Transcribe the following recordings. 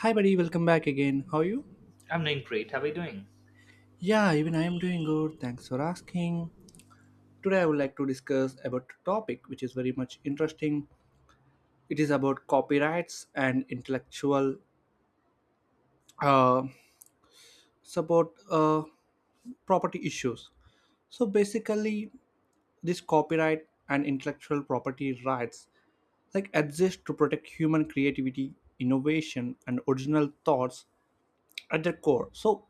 Hi, buddy, welcome back again. How are you? I'm doing great. How are you doing? Yeah, even I am doing good. Thanks for asking. Today, I would like to discuss about a topic which is very much interesting. It is about copyrights and intellectual uh, support property issues. So basically, this copyright and intellectual property rights like exist to protect human creativity, innovation, and original thoughts at their core. So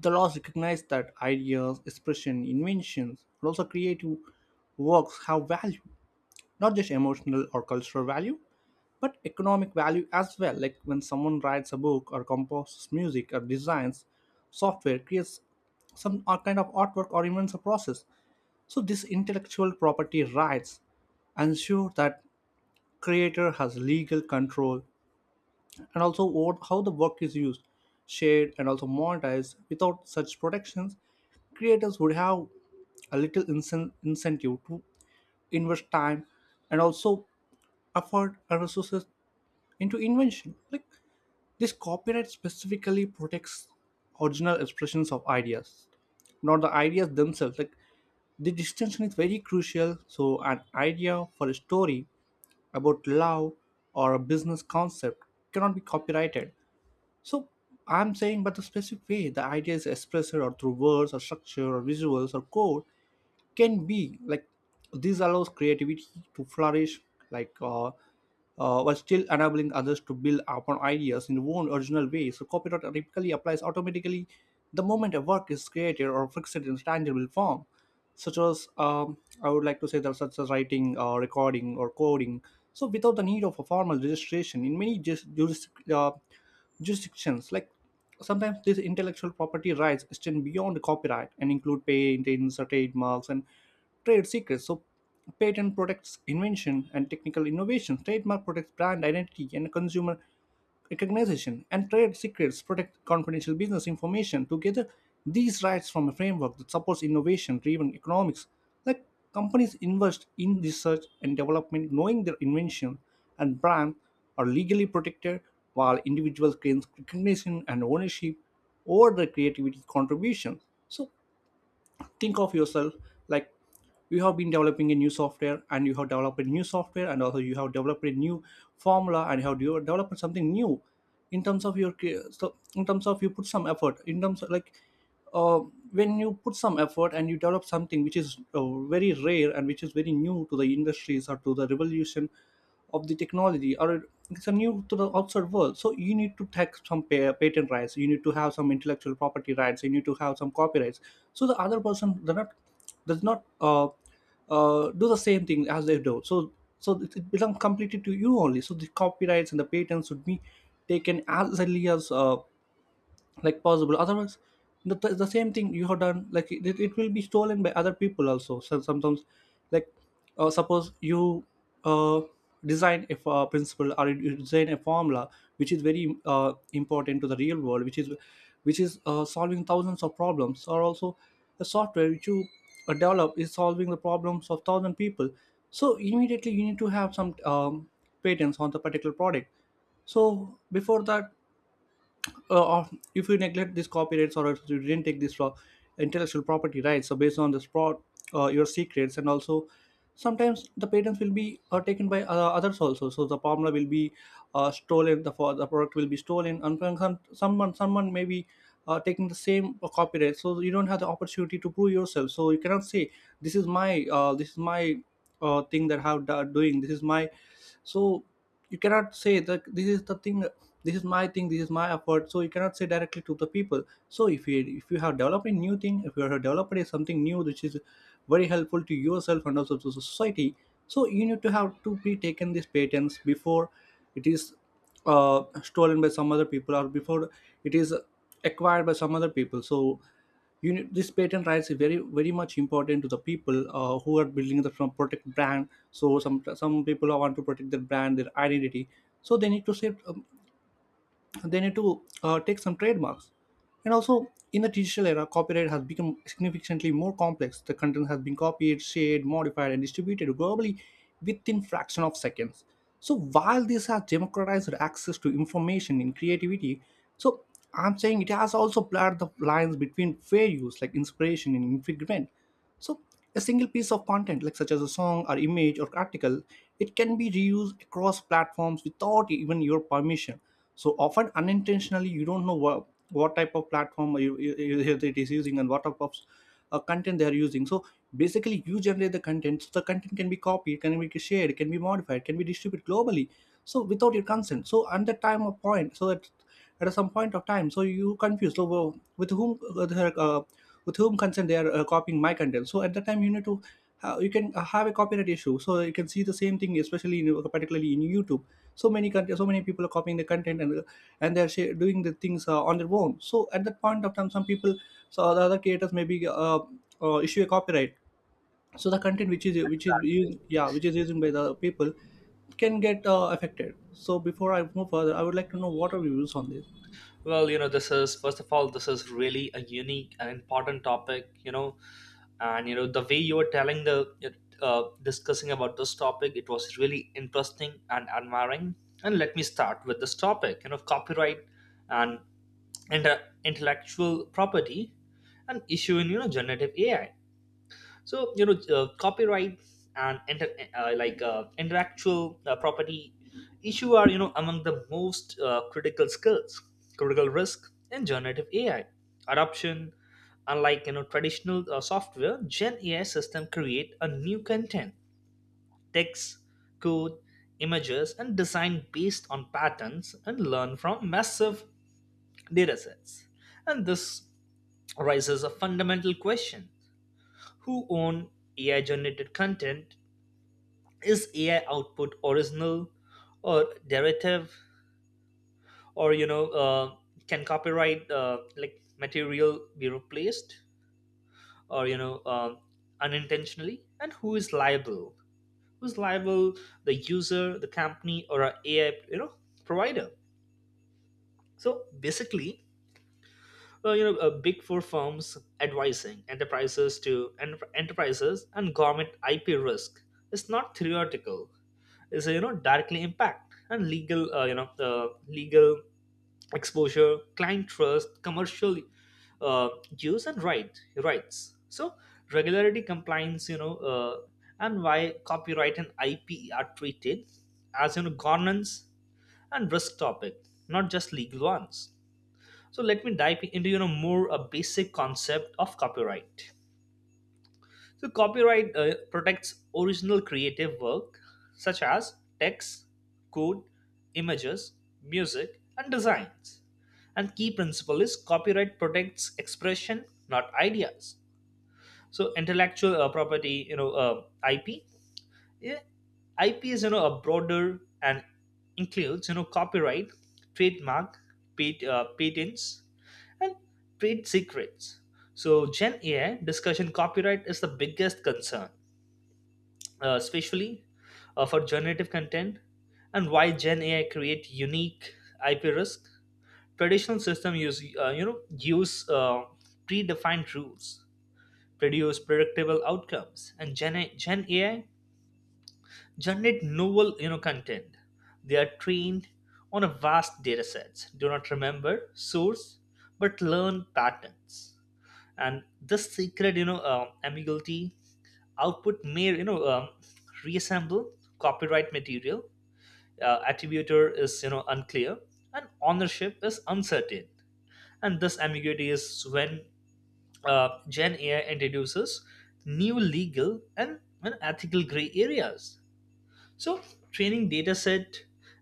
the laws recognize that ideas, expression, inventions, and also creative works have value, not just emotional or cultural value, but economic value as well. Like when someone writes a book or composes music or designs software, creates kind of artwork or invents a process. So this intellectual property rights ensure that creator has legal control and also what, how the work is used, shared, and also monetized. Without such protections, creators would have a little incentive to invest time and also effort and resources into invention. Like this copyright specifically protects original expressions of ideas, not the ideas themselves. Like the distinction is very crucial. So, an idea for a story about love or a business concept cannot be copyrighted. So I'm saying, but the specific way the idea is expressed or through words or structure or visuals or code, can be like this allows creativity to flourish like while still enabling others to build upon ideas in their own original way. So copyright typically applies automatically the moment a work is created or fixed in tangible form, such as I would like to say that such as writing, recording, or coding. So without the need of a formal registration in many uh, jurisdictions, like sometimes these intellectual property rights extend beyond copyright and include patents, trademarks, and trade secrets. So, patent protects invention and technical innovation, trademark protects brand identity and consumer recognition, and trade secrets protect confidential business information. Together, these rights form a framework that supports innovation driven economics. Like companies invest in research and development knowing their invention and brand are legally protected while individuals gain recognition and ownership over their creativity contributions. So think of yourself like you have been developing a new software and you have developed a new software and also you have developed a new formula and you have developed something new in terms of your so in terms of you put some effort in terms of like uh, when you put some effort and you develop something which is very rare and which is very new to the industries or to the revolution of the technology or it's a new to the outside world, so you need to take some patent rights, you need to have some intellectual property rights, you need to have some copyrights, so the other person does not does not uh, do the same thing as they do. So it becomes completely to you only. So the copyrights and the patents should be taken as early as like possible. Otherwise the same thing you have done, like it will be stolen by other people also. So sometimes like suppose you uh, design a principle or you design a formula which is very important to the real world, which is solving thousands of problems, or also the software which you develop is solving the problems of thousand people. So immediately you need to have some patents on the particular product. So before that, if you neglect these copyrights or if you didn't take this intellectual property rights, so based on this fraud, your secrets, and also sometimes the patents will be taken by others also. So the formula will be stolen, the for the product will be stolen, and from someone may be taking the same copyright. So you don't have the opportunity to prove yourself. So you cannot say this is my thing that I have doing. This is my so you cannot say that this is the thing, this is my thing, this is my effort, so you cannot say directly to the people. So if you, if you have developed a new thing, if you have developed something new which is very helpful to yourself and also to the society, so you need to have to be taken these patents before it is stolen by some other people, or before it is acquired by some other people. So you need, this patent rights is very much important to the people who are building the from protect brand. So some people want to protect their brand, their identity, so they need to set they need to take some trademarks. And also, in the digital era, copyright has become significantly more complex. The content has been copied, shared, modified, and distributed globally within fraction of seconds. So while this has democratized access to information and creativity, so I'm saying it has also blurred the lines between fair use, like inspiration and infringement. So, a single piece of content, like such as a song or image or article, it can be reused across platforms without even your permission. So often unintentionally, you don't know what type of platform it is using and what type of content they are using. So basically, you generate the content. So the content can be copied, can be shared, can be modified, can be distributed globally. So without your consent. So at the time of point, so that at some point of time. So you confused. So with whom with whom consent they are copying my content. So at that time you need to you can have a copyright issue. So you can see the same thing, especially in, particularly in YouTube. So many so many people are copying the content, and and they're doing the things on their own. So at that point of time, some people, so the other creators maybe issue a copyright. So the content which is Exactly. used, yeah, which is used by the people can get affected. So before I move further, I would like to know what are your views on this. Well, this is first of all, this is really a unique and important topic. You know, the way you were telling the discussing about this topic, it was really interesting and admiring. And let me start with this topic. You know, copyright and intellectual property, and issue in generative AI. So copyright and intellectual property issue are among the most critical risk in generative AI adoption. Unlike traditional software, gen AI system create a new content: text, code, images, and design based on patterns and learn from massive datasets. And this raises a fundamental question: who own AI generated content? Is AI output original or derivative, or can copyright material be replaced or unintentionally, and who is liable? Who's liable, the user, the company, or a AI provider? So basically, big four firms advising enterprises to enterprises and government, IP risk is not theoretical. Is directly impact and legal, the legal exposure, client trust, commercial uh, use and rights. So regularity compliance, and why copyright and IP are treated as governance and risk topic, not just legal ones. So let me dive into more a basic concept of copyright. So copyright protects original creative work such as text, code, images, music, and designs. And key principle is copyright protects expression, not ideas. So intellectual property, IP. Yeah, IP is a broader and includes copyright, trademark, patents, and trade secrets. So Gen AI discussion, copyright is the biggest concern, especially for generative content. And why gen AI create unique IP risk? Traditional system use, use uh, predefined rules, produce predictable outcomes, and gen AI generate novel content. They are trained on a vast data sets, do not remember source but learn patterns. And this secret, ambiguity, output may reassemble copyright material. Attributor is unclear and ownership is uncertain. And this ambiguity is when gen AI introduces new legal and ethical gray areas. So training dataset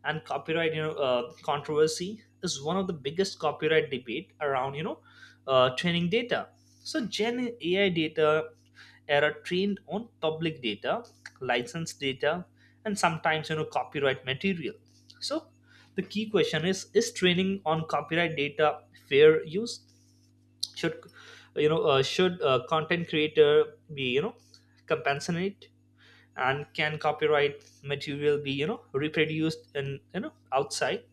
and copyright controversy is one of the biggest copyright debate around, training data. So Gen AI data era trained on public data, license data, and sometimes copyright material. So the key question is: is training on copyright data fair use? Should you know? Should content creator be compensate, and can copyright material be reproduced in outside?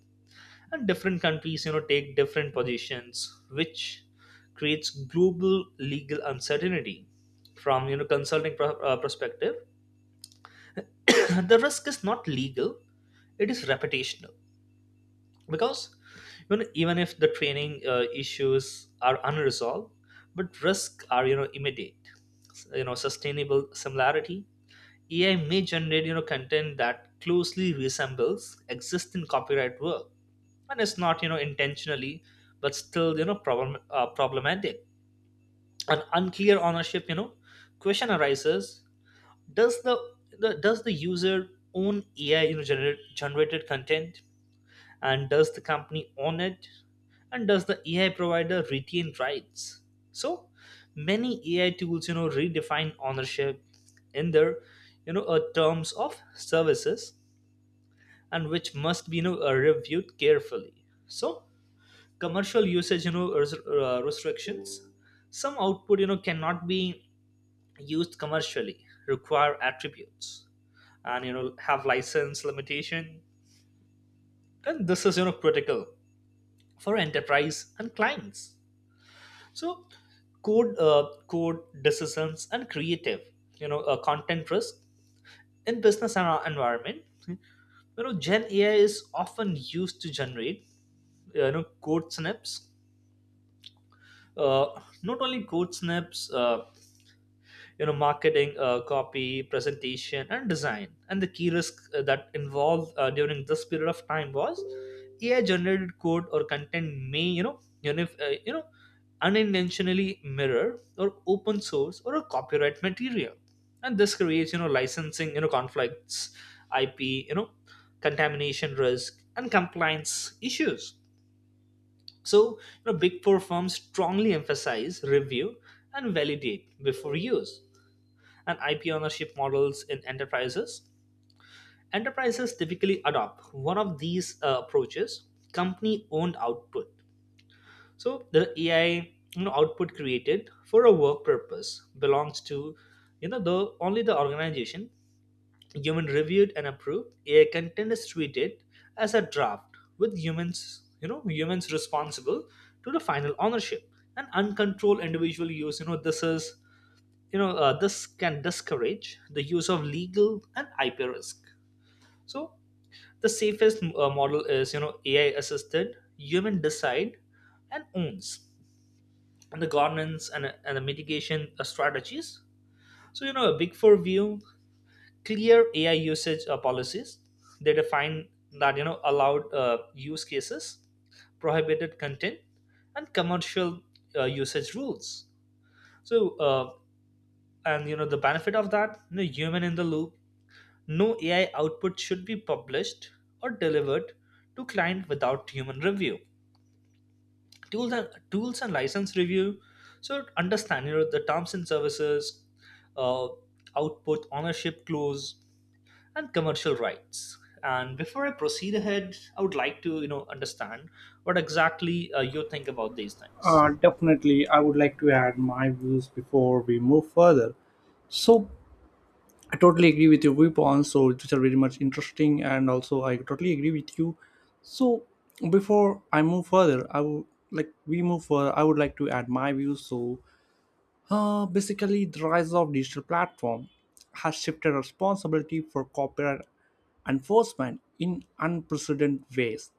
And different countries take different positions, which creates global legal uncertainty. From consulting perspective, the risk is not legal, it is reputational. Because even if the training issues are unresolved, but risks are immediate. Sustainable similarity: AI may generate content that closely resembles existing copyright work, and it's not intentionally, but still problematic. An unclear ownership, question arises: Does the, does the user own AI generated content? And does the company own it? And does the AI provider retain rights? So many AI tools redefine ownership in their terms of services, and which must be reviewed carefully. So commercial usage, restrictions, some output cannot be used commercially, require attributes, and have license limitation. And this is critical for enterprise and clients. So code, code decisions and creative, content risk in business and environment. You know, Gen AI is often used to generate, code snips. Not only code snips, marketing copy, presentation, and design. And the key risk that involved during this period of time was AI generated code or content may unintentionally mirror or open source or a copyright material. And this creates licensing conflicts, IP contamination risk, and compliance issues. So big four firms strongly emphasize review and validate before use. And IP ownership models in enterprises: enterprises typically adopt one of these approaches, company-owned output. So the AI output created for a work purpose belongs to the organization. Human reviewed and approved AI content is treated as a draft with humans you know humans responsible to the final ownership. An uncontrolled individual use, you know this is you know this can discourage the use of legal and IP risk. So the safest model is AI assisted, human decide and owns. And the governance and the mitigation strategies. So a big four view: clear AI usage policies. They define that allowed use cases, prohibited content, and commercial usage rules. So uh, and you know the benefit of that, human in the loop: no AI output should be published or delivered to client without human review. Tools and license review. So understand, the terms and services, uh, output ownership clause, and commercial rights. And before I proceed ahead, I would like to understand what exactly you think about these things. Definitely, I would like to add my views before we move further. So, I totally agree with your viewpoints, so which are very much interesting, and also I totally agree with you. So, before I move further, I would like we move further. I would like to add my views. So, basically, the rise of digital platform has shifted responsibility for copyright enforcement in unprecedented ways.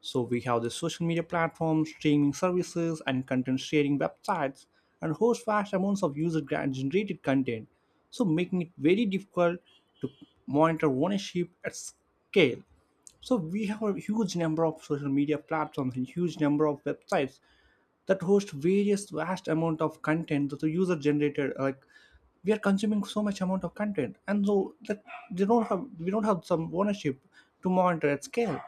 So we have the social media platforms, streaming services, and content sharing websites, and host vast amounts of user-generated content, so making it very difficult to monitor ownership at scale. So we have a huge number of social media platforms and huge number of websites that host various vast amount of content that the user generated, like we are consuming so much amount of content and so that they don't have, we don't have some ownership to monitor at scale.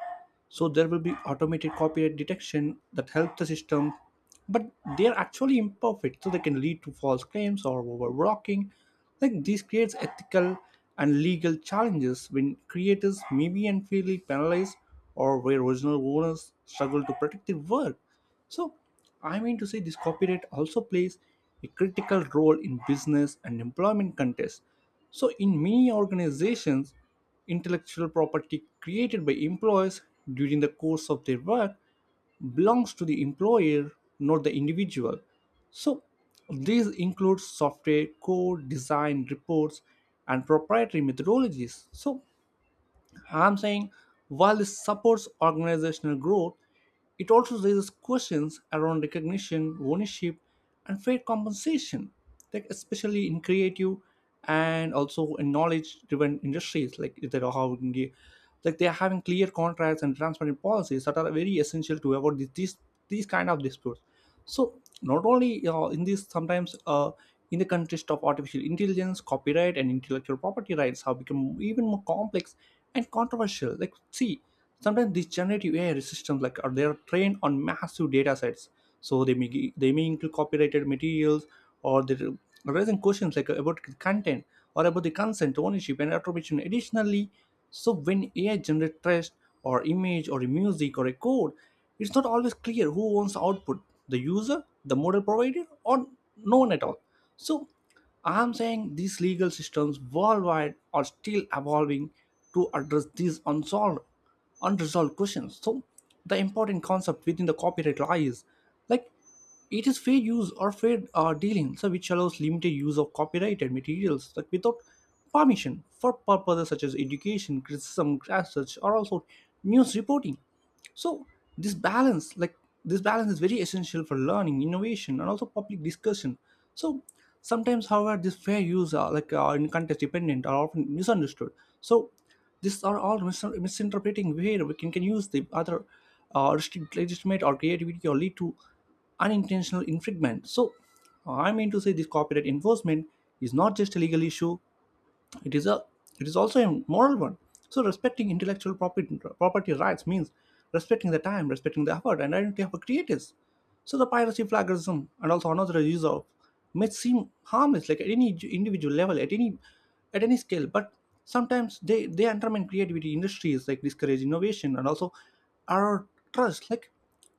So there will be automated copyright detection that helps the system, but they are actually imperfect, so they can lead to false claims or overblocking. Like this creates ethical and legal challenges when creators may be unfairly penalized or where original owners struggle to protect their work. So, I mean to say, this copyright also plays a critical role in business and employment contests. So, in many organizations, intellectual property created by employees during the course of their work belongs to the employer, not the individual. So, these include software, code, design, reports, and proprietary methodologies. So, I'm saying while this supports organizational growth, it also raises questions around recognition, ownership, and fair compensation, like especially in creative and also in knowledge-driven industries, like they are having like they are having clear contracts and transparent policies that are very essential to avoid these kind of disputes. So not only in this sometimes in the context of artificial intelligence, copyright and intellectual property rights have become even more complex and controversial. Like see, sometimes these generative AI systems like are they are trained on massive data sets. So they may they may include copyrighted materials or they are raising questions like about the content or about the consent, ownership and attribution. Additionally, so when AI generates text or image or music or a code, it's not always clear who owns output, the user, the model provider, or no one at all. So I'm saying these legal systems worldwide are still evolving to address unresolved questions. So the important concept within the copyright law is, like it is fair use or fair dealing, so which allows limited use of copyrighted materials like without permission for purposes such as education, criticism, research, or also news reporting. So this balance, like this balance is very essential for learning, innovation, and also public discussion. So sometimes, however, this fair use, in context dependent, are often misunderstood. So these are all misinterpreting where we can use the other legitimate or creativity or lead to unintentional infringement. So, I mean to say, this copyright enforcement is not just a legal issue, it is a it is also a moral one. So respecting intellectual property rights means respecting the time, respecting the effort and identity of the creators. So the piracy plagiarism and also another use of may seem harmless, like at any individual level, at any scale, but sometimes they undermine creativity industries, like discourage innovation and also our trust, like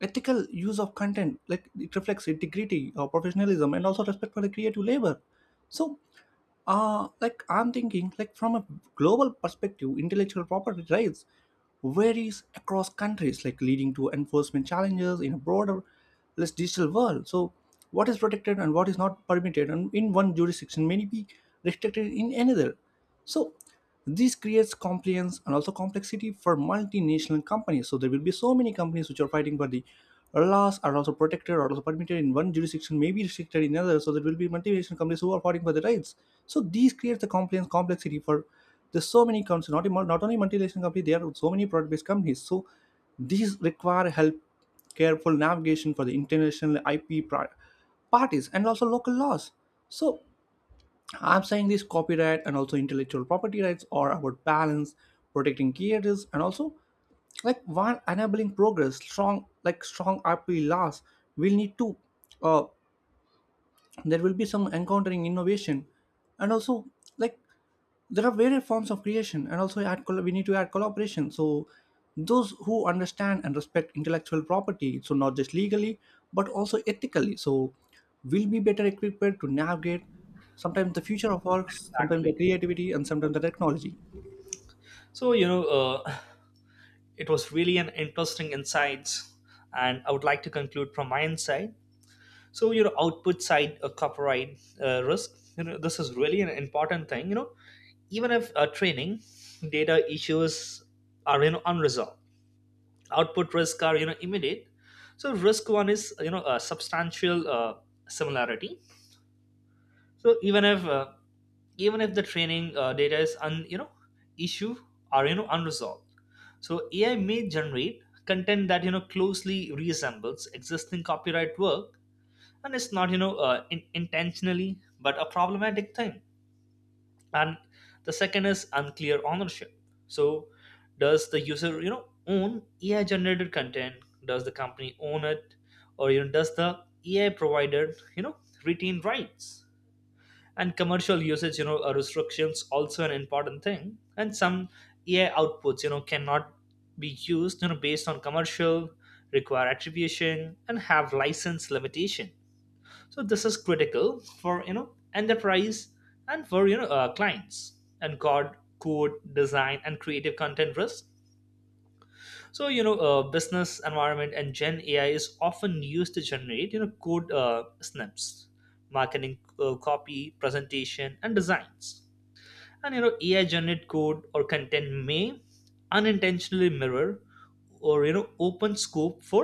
ethical use of content, like it reflects integrity or professionalism and also respect for the creative labor. So I'm thinking like from a global perspective, intellectual property rights varies across countries, like leading to enforcement challenges in a broader less digital world. So what is protected and what is not permitted and in one jurisdiction may be restricted in another. So this creates compliance and also complexity for multinational companies. So there will be so many companies which are fighting for the laws are also protected or also permitted in one jurisdiction may be restricted in another, so there will be multinational companies who are fighting for the rights. So these creates the compliance complexity for there's so many companies, not only multinational companies, there are so many product-based companies. So these require help careful navigation for the international parties and also local laws. So I'm saying this copyright and also intellectual property rights are about balance, protecting creators, and also like while enabling progress, strong IP laws will need to uh, there will be some encountering innovation and also like there are various forms of creation and also we need to add collaboration. So those who understand and respect intellectual property, so not just legally but also ethically, so will be better equipped to navigate sometimes the future of works, sometimes the Exactly. creativity, and sometimes the technology. So it was really an interesting insights, and I would like to conclude from my insight. So output side copyright risk, this is really an important thing. You know, even if training data issues are unresolved, output risk are immediate. So risk one is a substantial similarity. So even if the training data is un you know issue are unresolved, so AI may generate content that closely resembles existing copyright work. And it's not intentionally, but a problematic thing. And the second is unclear ownership. So does the user own AI generated content? Does the company own it? Or does the AI provider you know retain rights? And commercial usage, restrictions, also an important thing. And some AI outputs cannot be used based on commercial, require attribution, and have license limitation. So this is critical for enterprise and for clients. And code, code design and creative content risk. So business environment, and gen AI is often used to generate code snips, marketing copy, presentation, and designs. And AI generated code or content may unintentionally mirror or open scope for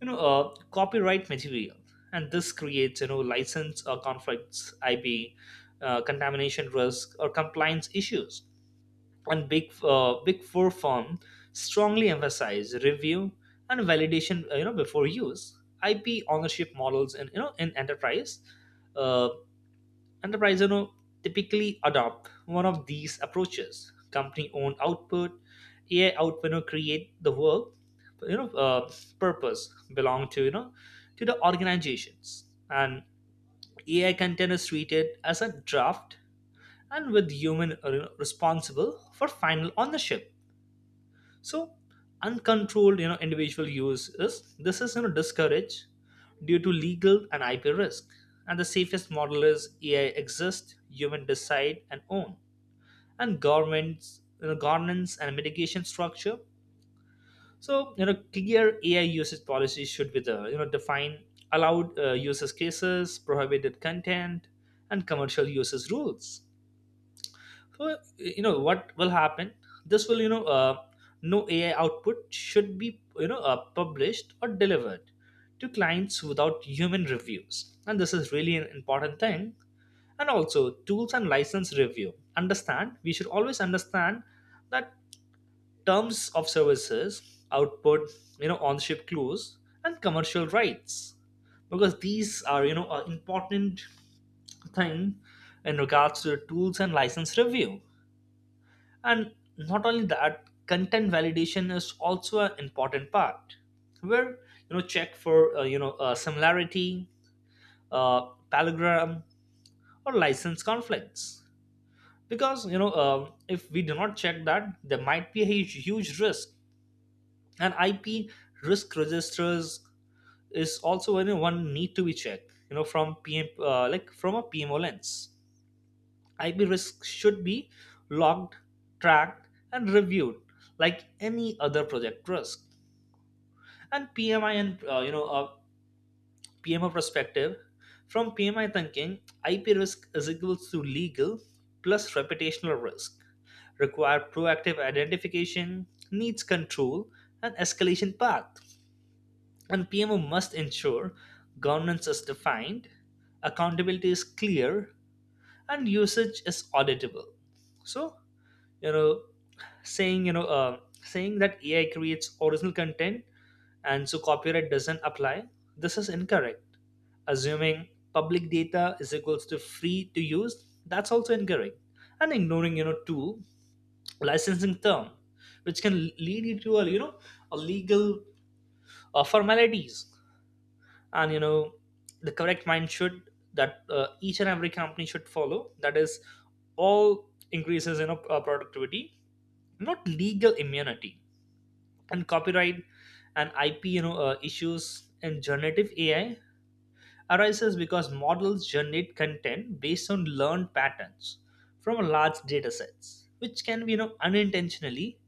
copyright material. And this creates license or conflicts, IP contamination risk, or compliance issues. And big four firm strongly emphasize review and validation, before use. IP ownership models in in enterprise. uh, Enterprises, typically adopt one of these approaches. Company-owned output, AI output, create the work, you know, uh, purpose belong to to the organizations. And AI content is treated as a draft, and with human, responsible for final ownership. So uncontrolled individual use is, this is discouraged due to legal and IP risk. And the safest model is AI exists, human decide and own. And governments, governance and mitigation structure. So clear AI usage policy should be there. You know, define allowed users cases, prohibited content, and commercial uses rules. So, you know, what will happen? This will, no AI output should be, published or delivered to clients without human reviews. And this is really an important thing. And also, tools and license review. Understand, we should always understand that terms of services, output, ownership clause, and commercial rights, because these are, an important thing in regards to the tools and license review. And not only that, content validation is also an important part, where check for similarity, palindrome, or license conflicts. Because if we do not check that, there might be a huge, huge risk. And IP risk registers is also, one need to be checked. You know, from PM uh, like from a PMO lens, IP risk should be logged, tracked, and reviewed like any other project risk. And PMI and uh, you know uh, PMO perspective, from PMI thinking, IP risk is equals to legal plus reputational risk. Require proactive identification, needs control, and escalation path. And PMO must ensure governance is defined, accountability is clear, and usage is auditable. So you know saying that AI creates original content and so copyright doesn't apply, this is incorrect. Assuming public data is equals to free to use, that's also incorrect. And ignoring two licensing term, which can lead you to a a legal formalities. And the correct mind should, that each and every company should follow, that is all increases productivity, not legal immunity. And copyright and IP issues in generative AI arises because models generate content based on learned patterns from large data sets, which can be unintentionally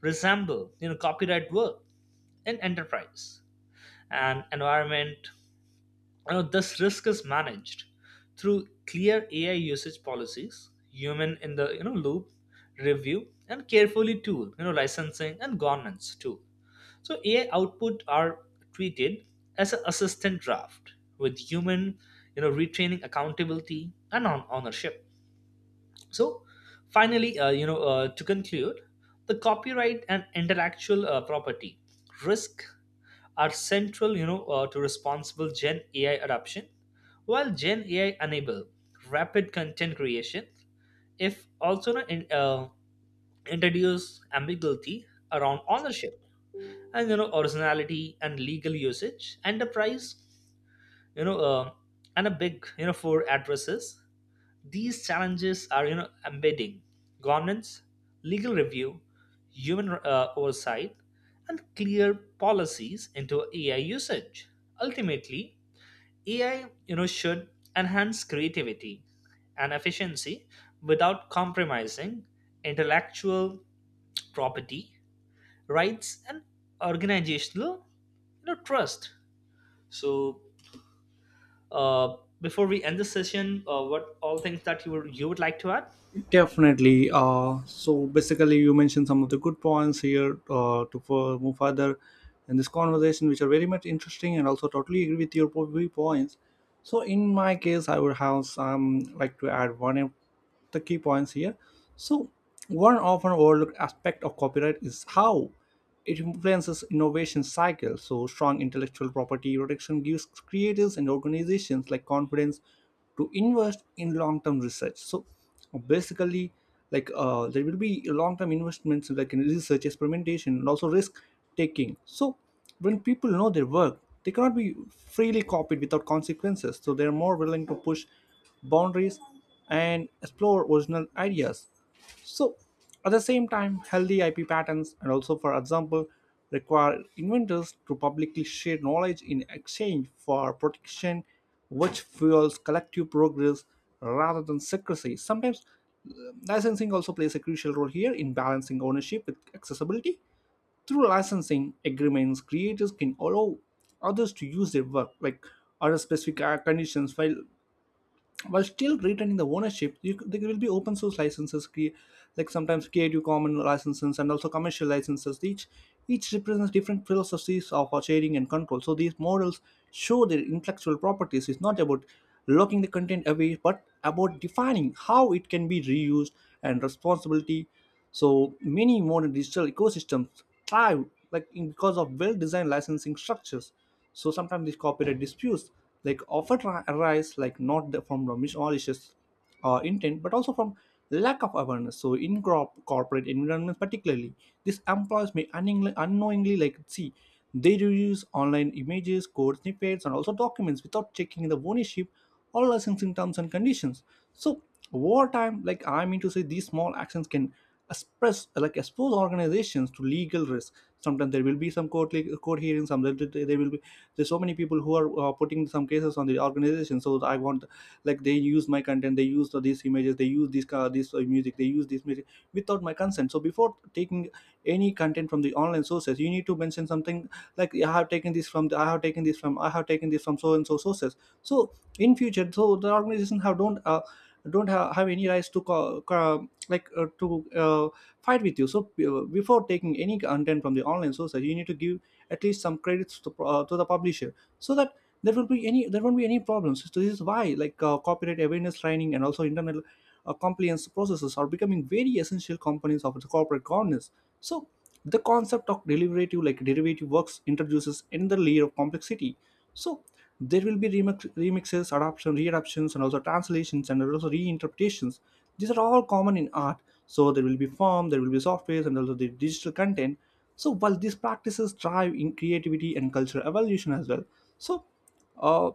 resemble copyright work. In enterprise and environment, this risk is managed through clear AI usage policies, human in the loop review, and carefully tool licensing and governance too. So AI output are treated as an assistant draft with human, retraining accountability and on ownership. So finally, to conclude, the copyright and intellectual property risk are central, to responsible Gen AI adoption. While Gen AI enable rapid content creation, if also not in, introduce ambiguity around ownership and originality and legal usage enterprise. you know uh, and a big for addresses these challenges are embedding governance, legal review, human oversight, and clear policies into AI usage. Ultimately, AI should enhance creativity and efficiency without compromising intellectual property rights and organizational trust. So before we end the session, what all things that you would like to add? Definitely. So basically, you mentioned some of the good points here to for, move further in this conversation, which are very much interesting, and also totally agree with your viewpoints. So in my case, I would have some like to add one of the key points here. So one often overlooked aspect of copyright is how it influences innovation cycles. So strong intellectual property protection gives creators and organizations like confidence to invest in long-term research. So basically, there will be long-term investments like in research, experimentation, and also risk taking. So when people know their work, they cannot be freely copied without consequences, so they are more willing to push boundaries and explore original ideas. So, at the same time, healthy IP patterns and also, for example, require inventors to publicly share knowledge in exchange for protection, which fuels collective progress rather than secrecy. Sometimes, uh, licensing also plays a crucial role here in balancing ownership with accessibility. Through licensing agreements, creators can allow others to use their work, like under specific conditions, while still retaining the ownership. There will be open source licenses, sometimes creative Commons licenses and also commercial licenses, each represents different philosophies of our sharing and control. So these models show their intellectual properties, it's not about locking the content away but about defining how it can be reused and responsibility. So many modern digital ecosystems thrive because of well-designed licensing structures. So sometimes these copyright disputes like arise like not the- from the malicious intent but also from lack of awareness. So in corporate environments particularly, these employees may unknowingly like see they reuse online images, code snippets, and also documents without checking the ownership or licensing terms and conditions. So over time, like I mean to say, these small actions can expose organizations to legal risk. Sometimes there will be some court hearings, some there there will be there's so many people who are putting some cases on the organization. So I want like they use my content, they use these images, they use this car this music they use this music without my consent. So before taking any content from the online sources, you need to mention something like I have taken this from the. I have taken this from, I have taken this from so and so sources. So in future, so the organization have don't have any rights to like uh, to uh, fight with you. So before taking any content from the online sources, you need to give at least some credits to the publisher so that there won't be any problems. So this is why copyright awareness training and also internet compliance processes are becoming very essential components of the corporate governance. So the concept of derivative, like derivative works introduces another layer of complexity. So there will be remixes, adoption, readaptions, and also translations and also reinterpretations. These are all common in art. So there will be software, and also the digital content. So while these practices drive in creativity and cultural evolution as well, so uh,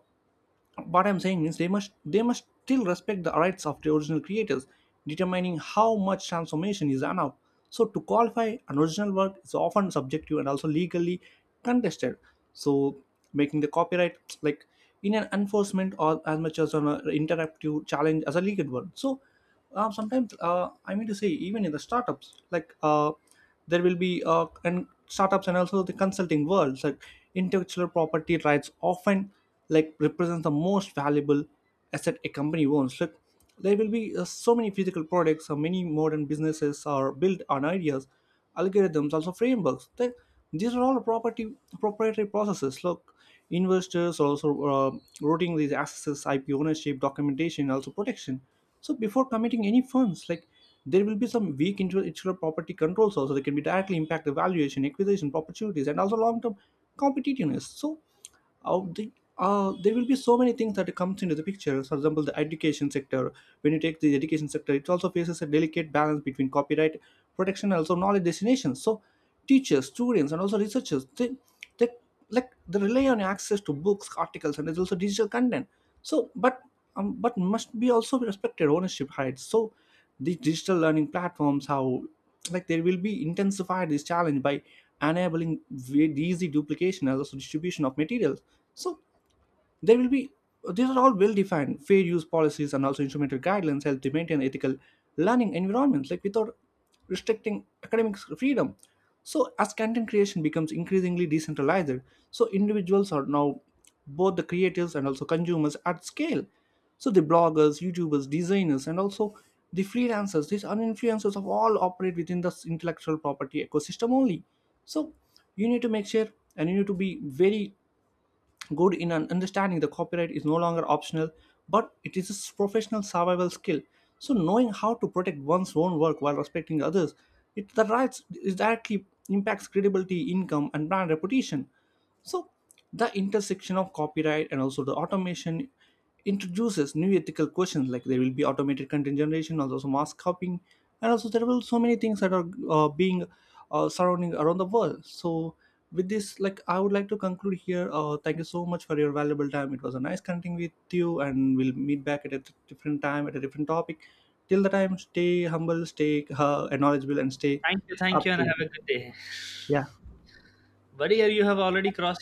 what I'm saying means they must still respect the rights of the original creators, determining how much transformation is allowed. So to qualify an original work is often subjective and also legally contested. So making the copyright like in an enforcement or as much as an interactive challenge as a legal one. So sometimes I mean to say, even in the startups, like there will be and startups and also the consulting worlds, like intellectual property rights often like represent the most valuable asset a company owns. Like there will be so many physical products, so many modern businesses are built on ideas, algorithms, also frameworks. These are all property proprietary processes. Look, investors also routing these access, IP ownership, documentation, also protection. So before committing any funds, like there will be some weak intellectual property controls also that can be directly impact the valuation, acquisition, opportunities, and also long-term competitiveness. So out the there will be so many things that comes into the picture. For example, the education sector. When you take the education sector, it also faces a delicate balance between copyright protection and also knowledge destinations. So teachers, students, and also researchers they they rely on access to books, articles, and there's also digital content. So but must be also be respected ownership rights. So the digital learning platforms how like they will be intensified this challenge by enabling very easy duplication and also distribution of materials. So there will be these are all well defined fair use policies and also instrumental guidelines help to maintain ethical learning environments like without restricting academic freedom. So as content creation becomes increasingly decentralized, so individuals are now both the creators and also consumers at scale. So the bloggers, YouTubers, designers, and also the freelancers, these are influencers of all operate within the intellectual property ecosystem only. So you need to make sure and you need to be very good in understanding the copyright is no longer optional but it is a professional survival skill. So knowing how to protect one's own work while respecting others it the rights is directly impacts credibility, income, and brand reputation. So the intersection of copyright and also the automation introduces new ethical questions, like there will be automated content generation, also mass copying, and also there will so many things that are being surrounding around the world. So with this, like I would like to conclude here. Thank you so much for your valuable time. It was a nice connecting with you and we'll meet back at a different time at a different topic. Till the time, stay humble, stay knowledgeable, and stay Thank you, thank up. you, and have a good day, Yeah. buddy. You have already crossed